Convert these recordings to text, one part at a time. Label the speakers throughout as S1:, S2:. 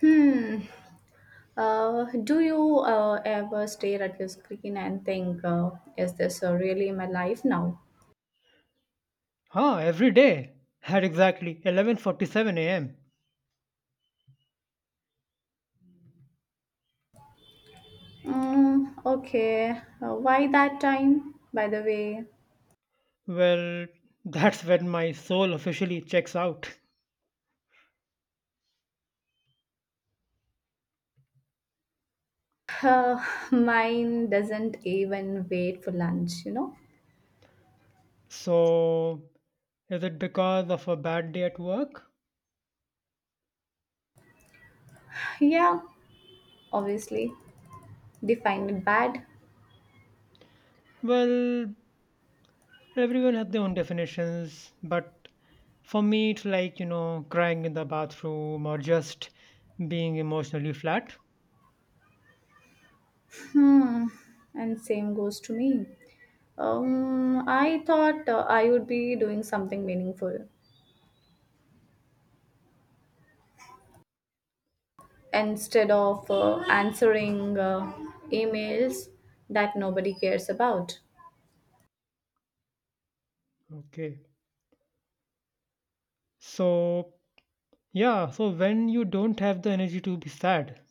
S1: Hmm. Do you ever stare at your screen and think, is this really my life now?
S2: Huh, every day at exactly 11:47 a.m.
S1: Mm, okay. Why that time, by the way?
S2: Well, that's when my soul officially checks out.
S1: Uh, Mine doesn't even wait for lunch.
S2: So, is it because of a bad day at work?
S1: Yeah, obviously. They find it bad.
S2: Well, everyone has their own definitions, but for me it's like, crying in the bathroom or just being emotionally flat.
S1: Hmm. And same goes to me. I thought I would be doing something meaningful, instead of answering emails that nobody cares about.
S2: Okay. So, yeah, so when you don't have the energy to be sad,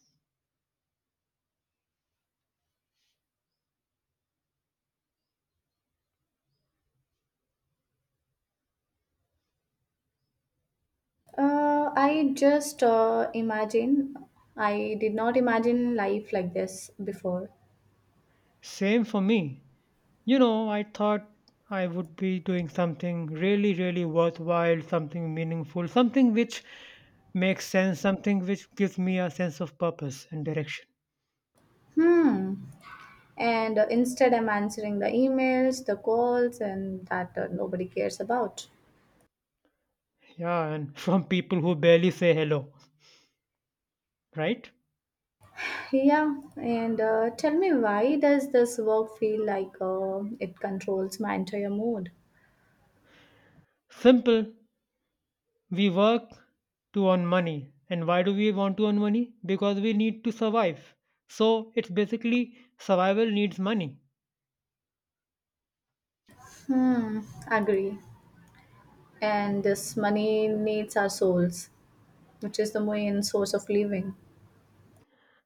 S1: I just imagine, I did not imagine life like this before.
S2: same for me. I thought I would be doing something really, really worthwhile, something meaningful, something which makes sense, something which gives me a sense of purpose and direction.
S1: Hmm. And instead, I'm answering the emails, the calls, and that nobody cares about.
S2: Yeah, and from people who barely say hello, right?
S1: Yeah, and tell me, why does this work feel like it controls my entire mood?
S2: Simple. We work to earn money. And why do we want to earn money? Because we need to survive. So it's basically survival needs money.
S1: Hmm, agree. And this money needs our souls, which is the main source of living.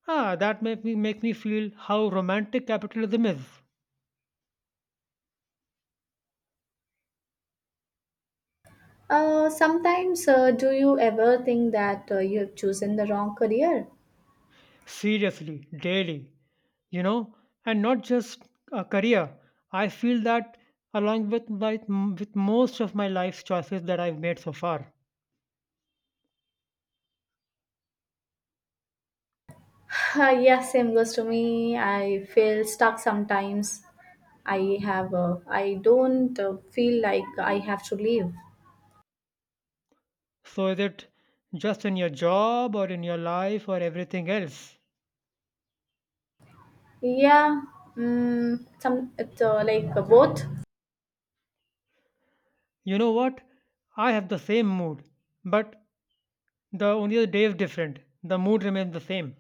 S2: Ah, that make me feel how romantic capitalism is.
S1: Sometimes, do you ever think that you have chosen the wrong career?
S2: Seriously, daily, you know, and not just a career. I feel that along with most of my life's choices that I've made so far.
S1: Yeah, same goes to me. I feel stuck sometimes. I don't feel like I have to leave.
S2: So is it just in your job or in your life or everything else?
S1: Yeah, some it's like both.
S2: You know what? I have the same mood, but the day is different. The mood remains the same.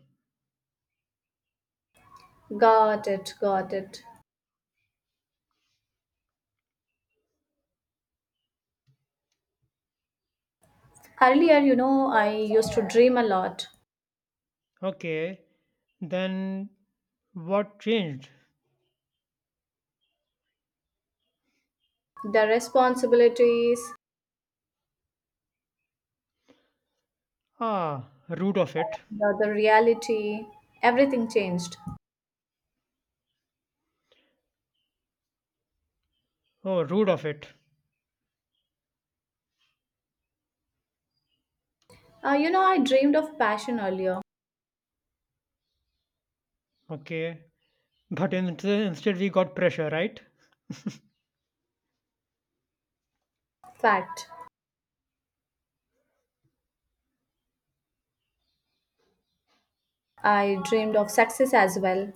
S1: Got it, got it. Earlier, you know, I used to dream a lot.
S2: Okay, then what changed?
S1: The responsibilities,
S2: Ah, root of it.
S1: the reality, everything changed.
S2: Oh, root of it.
S1: You know, I dreamed of passion earlier.
S2: Okay. But instead, we got pressure, right?
S1: Fact. I dreamed of success as well.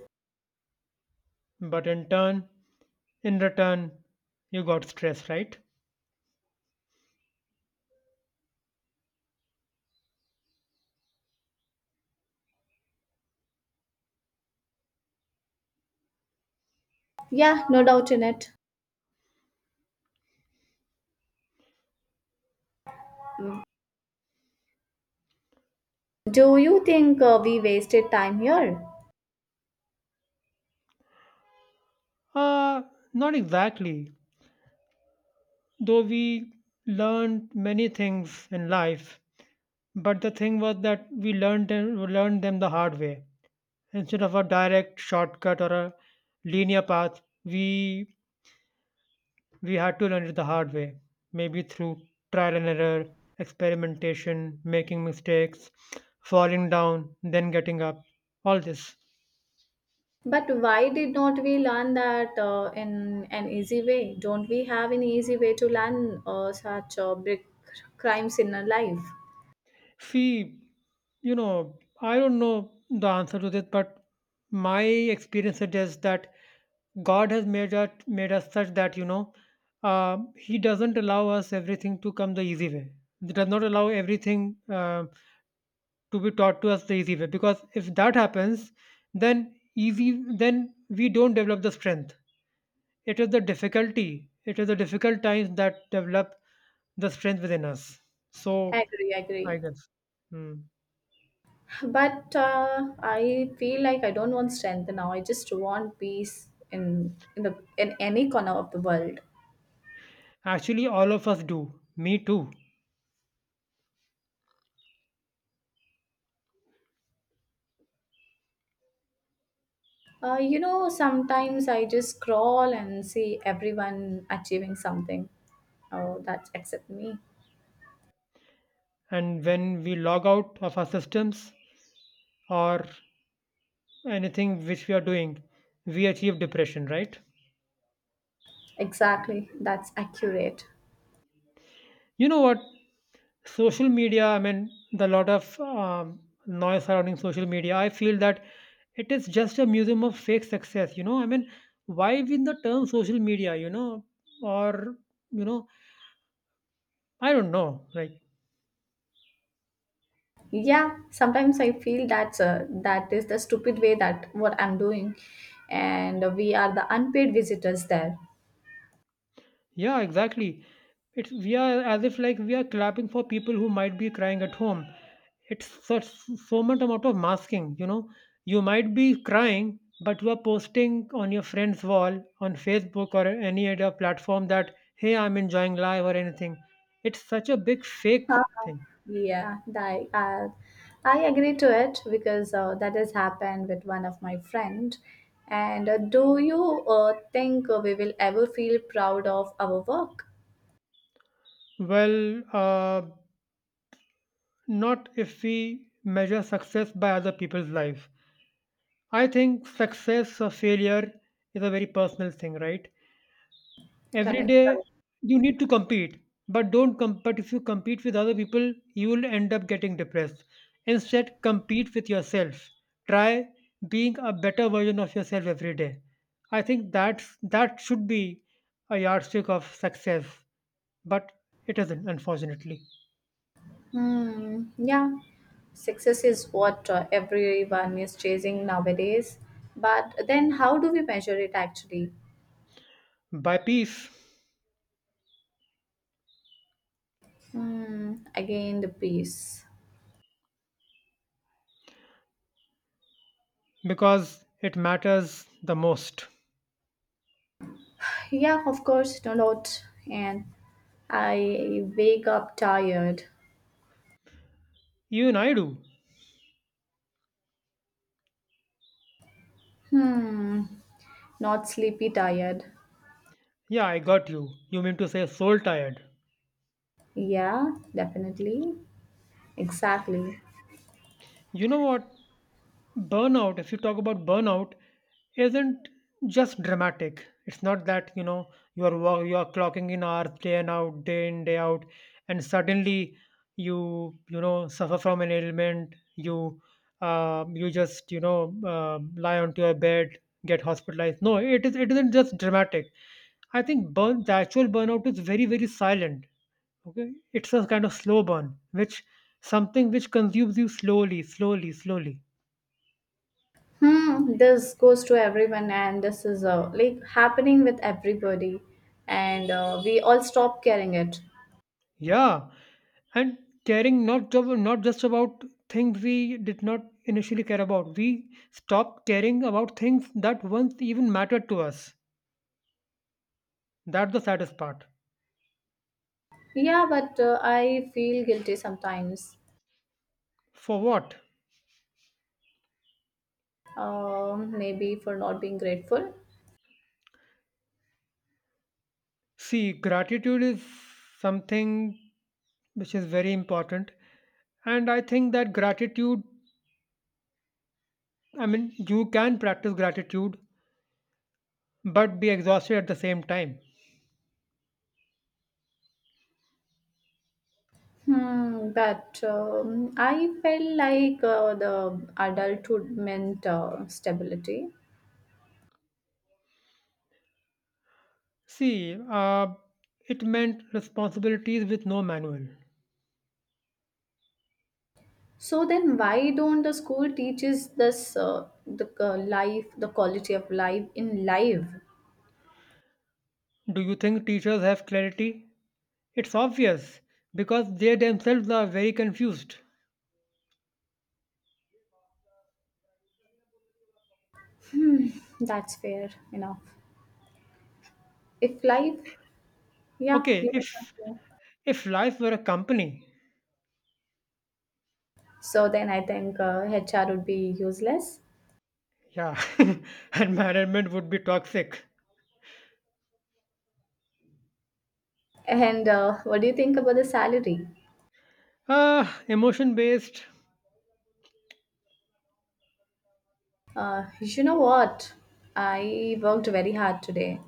S2: But in return, you got stress, right?
S1: Yeah, no doubt in it. Do you think we wasted time here?
S2: Uh, Not exactly. Though we learned many things in life, but the thing was that we learned them the hard way. Instead of a direct shortcut or a linear path, we had to learn it the hard way. Maybe through trial and error, experimentation, making mistakes, falling down, then getting up. All this.
S1: But why did not we learn that in an easy way? Don't we have an easy way to learn such big crimes in our life?
S2: See, I don't know the answer to this, but my experience suggests that God has made us such that He doesn't allow us everything to come the easy way. He does not allow everything to be taught to us the easy way, because if that happens, then we don't develop the strength. It is the difficulty. It is the difficult times that develop the strength within us. So
S1: Agree,
S2: I
S1: agree.
S2: guess. Hmm.
S1: But I feel like I don't want strength now. I just want peace in any corner of the world.
S2: Actually, all of us do. Me too.
S1: You know, sometimes I just scroll and see everyone achieving something. Oh, that's except me.
S2: And when we log out of our systems or anything which we are doing, we achieve depression, right?
S1: Exactly, that's accurate.
S2: You know what? Social media, I mean, the lot of noise surrounding social media, I feel that it is just a museum of fake success, you know? I mean, why even the term social media, you know? Or, you know, I don't know. Like,
S1: Yeah, sometimes I feel that's that is the stupid way that what I'm doing, and we are the unpaid visitors there.
S2: yeah, exactly. It's we are as if like we are clapping for people who might be crying at home. It's such so much amount of masking, you know. You might be crying, but you are posting on your friend's wall on Facebook or any other platform that hey, I'm enjoying life or anything. It's such a big fake thing.
S1: Yeah, I agree to it because that has happened with one of my friend. And do you think we will ever feel proud of our work?
S2: Well, not if we measure success by other people's life. I think success or failure is a very personal thing, right? Every
S1: Correct.
S2: day
S1: Correct.
S2: you need to compete, but if you compete with other people you will end up getting depressed. Instead compete with yourself. Try being a better version of yourself every day. I think that should be a yardstick of success, but it isn't, unfortunately.
S1: Hmm. Yeah. Success is what everyone is chasing nowadays. But then, how do we measure it actually?
S2: By peace,
S1: Hmm. Again, the peace.
S2: because it matters the most.
S1: Yeah, of course, no doubt. And I wake up tired.
S2: Even I do.
S1: Hmm. Not sleepy tired.
S2: Yeah, I got you. You mean to say soul tired.
S1: Yeah, definitely. Exactly.
S2: You know what? Burnout, if you talk about burnout, isn't just dramatic. It's not that, you are you are clocking in hours day in day out, and suddenly you, you know suffer from an ailment. You just, lie onto your bed, get hospitalized. No, it isn't just dramatic. I think burn the actual burnout is very very silent. Okay, it's a kind of slow burn, which something which consumes you slowly, slowly, slowly.
S1: Hmm, this goes to everyone, and this is like happening with everybody, and we all stop caring it.
S2: Yeah, and caring not just about things we did not initially care about. We stopped caring about things that once even mattered to us. That's the saddest part.
S1: Yeah, but I feel guilty sometimes.
S2: For what?
S1: Maybe for not being grateful.
S2: See, gratitude is something which is very important, and I think that gratitude. I mean, you can practice gratitude, but be exhausted at the same time.
S1: Hmm, but I felt like the adulthood meant stability.
S2: See, it meant responsibilities with no manual.
S1: So then, why don't the school teaches this the life, the quality of life in life?
S2: Do you think teachers have clarity? It's obvious because they themselves are very confused.
S1: That's fair enough. If life, yeah,
S2: Okay,
S1: you may not
S2: if
S1: know.
S2: if life were a company,
S1: So then, I think HR would be useless.
S2: yeah, and management would be toxic.
S1: And what do you think about the salary?
S2: Ah, emotion based.
S1: You know what? I worked very hard today.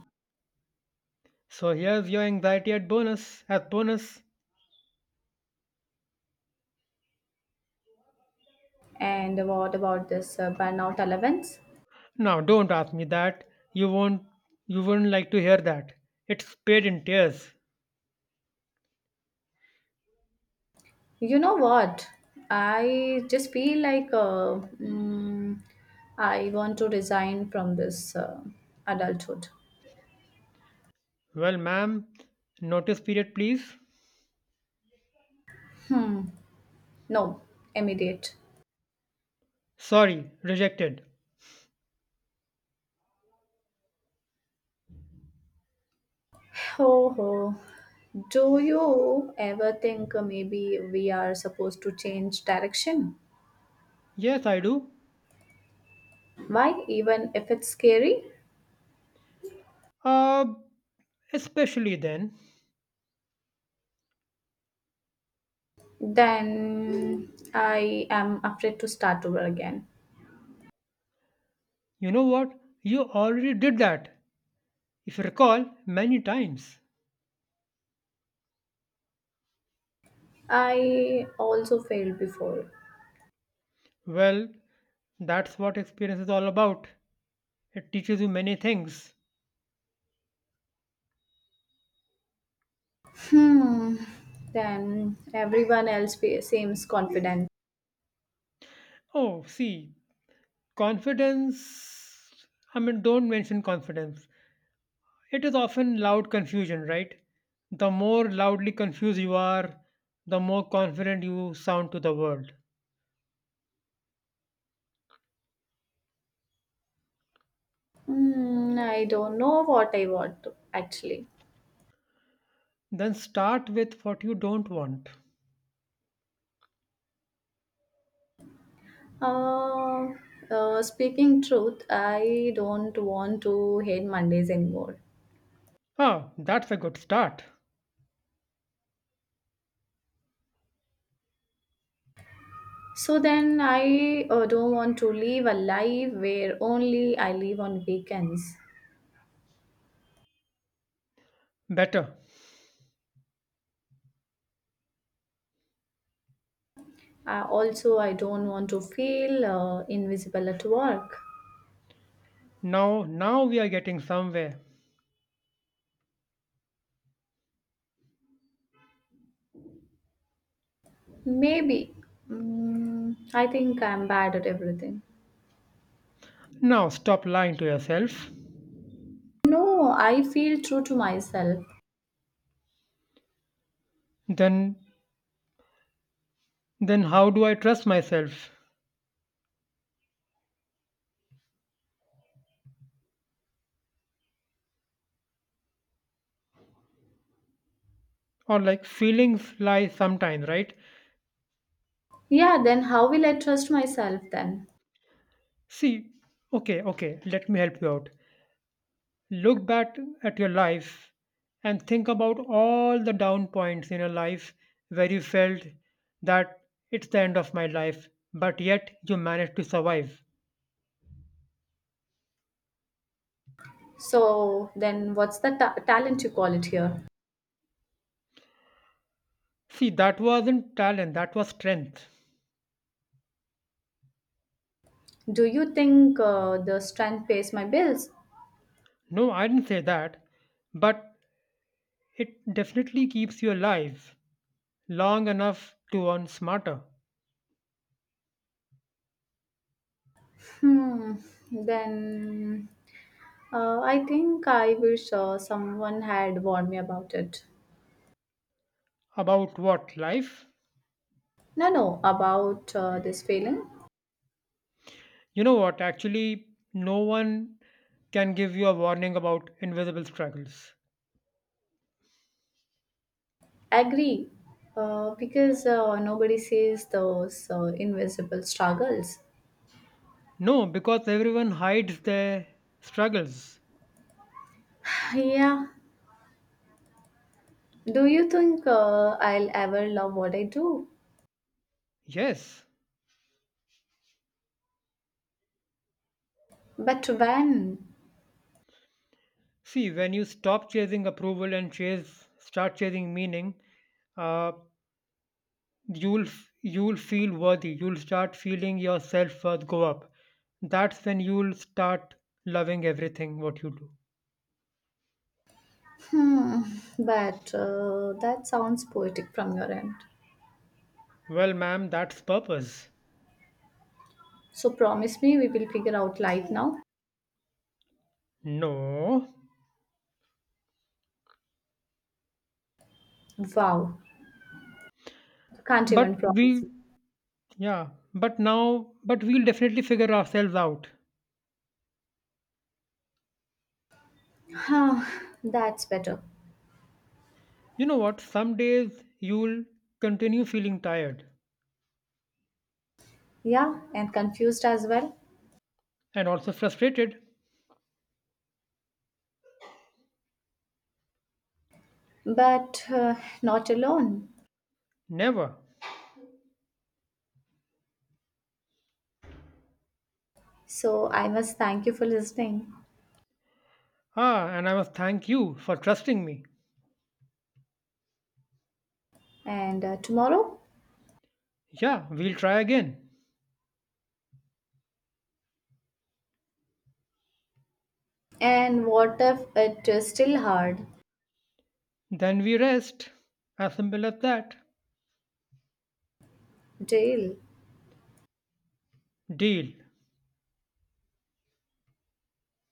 S2: So here's your anxiety at bonus as bonus.
S1: And what about this burnout allowance?
S2: Now don't ask me that. You won't you wouldn't like to hear that. It's paid in tears.
S1: You know what? I just feel like I want to resign from this adulthood.
S2: Well, ma'am, notice period please.
S1: Hmm. No, immediate.
S2: Sorry, rejected.
S1: Oh, oh. Do you ever think maybe we are supposed to change direction?
S2: Yes, I do.
S1: Why, even if it's scary?
S2: Uh Especially then,
S1: Then I am afraid to start over again.
S2: you know what? You already did that, if you recall, many times.
S1: I also failed before.
S2: Well, that's what experience is all about. It teaches you many things.
S1: Hmm. Then everyone seems confident.
S2: Oh, see, confidence. I mean, don't mention confidence. It is often loud confusion, right? The more loudly confused you are, the more confident you sound to the world.
S1: Hmm. I don't know what I want to- actually.
S2: Then start with what you don't want.
S1: Uh, Speaking truth, I don't want to hate Mondays anymore.
S2: Ah, that's a good start.
S1: So then I don't want to live a life where only I live on weekends.
S2: Better.
S1: Also, I don't want to feel invisible at work.
S2: Now, now we are getting somewhere.
S1: Maybe. Mm, I think I'm bad at everything.
S2: Now stop lying to yourself.
S1: No, I feel true to myself.
S2: Then, then how do I trust myself? Or like feelings lie sometimes, right?
S1: Yeah, then how will I trust myself then?
S2: See, okay, okay. Let me help you out. Look back at your life and think about all the down points in your life where you felt that it's the end of my life, but yet you managed to survive.
S1: So, then what's the talent you call it here?
S2: See, that wasn't talent, that was strength.
S1: Do you think the strength pays my bills?
S2: No, I didn't say that. But it definitely keeps you alive long enough to earn smarter.
S1: Hmm, then I think I wish someone had warned me about it.
S2: About what? Life?
S1: No, no, about this feeling.
S2: You know what? Actually, no one can give you a warning about invisible struggles.
S1: Agree, because nobody sees those invisible struggles.
S2: No, because everyone hides their struggles.
S1: Yeah, do you think I'll ever love what I do?
S2: Yes.
S1: But when?
S2: See, when you stop chasing approval and chase start chasing meaning, uh, you'll feel worthy. You'll start feeling your self worth go up. That's when you'll start loving everything what you do.
S1: Hmm. But that sounds poetic from your end.
S2: Well, ma'am, that's purpose.
S1: So promise me we will figure out life now.
S2: No,
S1: Wow. You can't even
S2: but
S1: promise
S2: we,
S1: me.
S2: yeah, but we'll definitely figure ourselves out.
S1: Huh. That's better.
S2: You know what? Some days you'll continue feeling tired
S1: Yeah, and confused as well.
S2: and also frustrated.
S1: But not alone.
S2: Never.
S1: So I must thank you for listening.
S2: Ah, and I must thank you for trusting me.
S1: And tomorrow?
S2: Yeah, we'll try again.
S1: And what if it is still hard?
S2: Then we rest. As simple as that.
S1: Deal.
S2: Deal.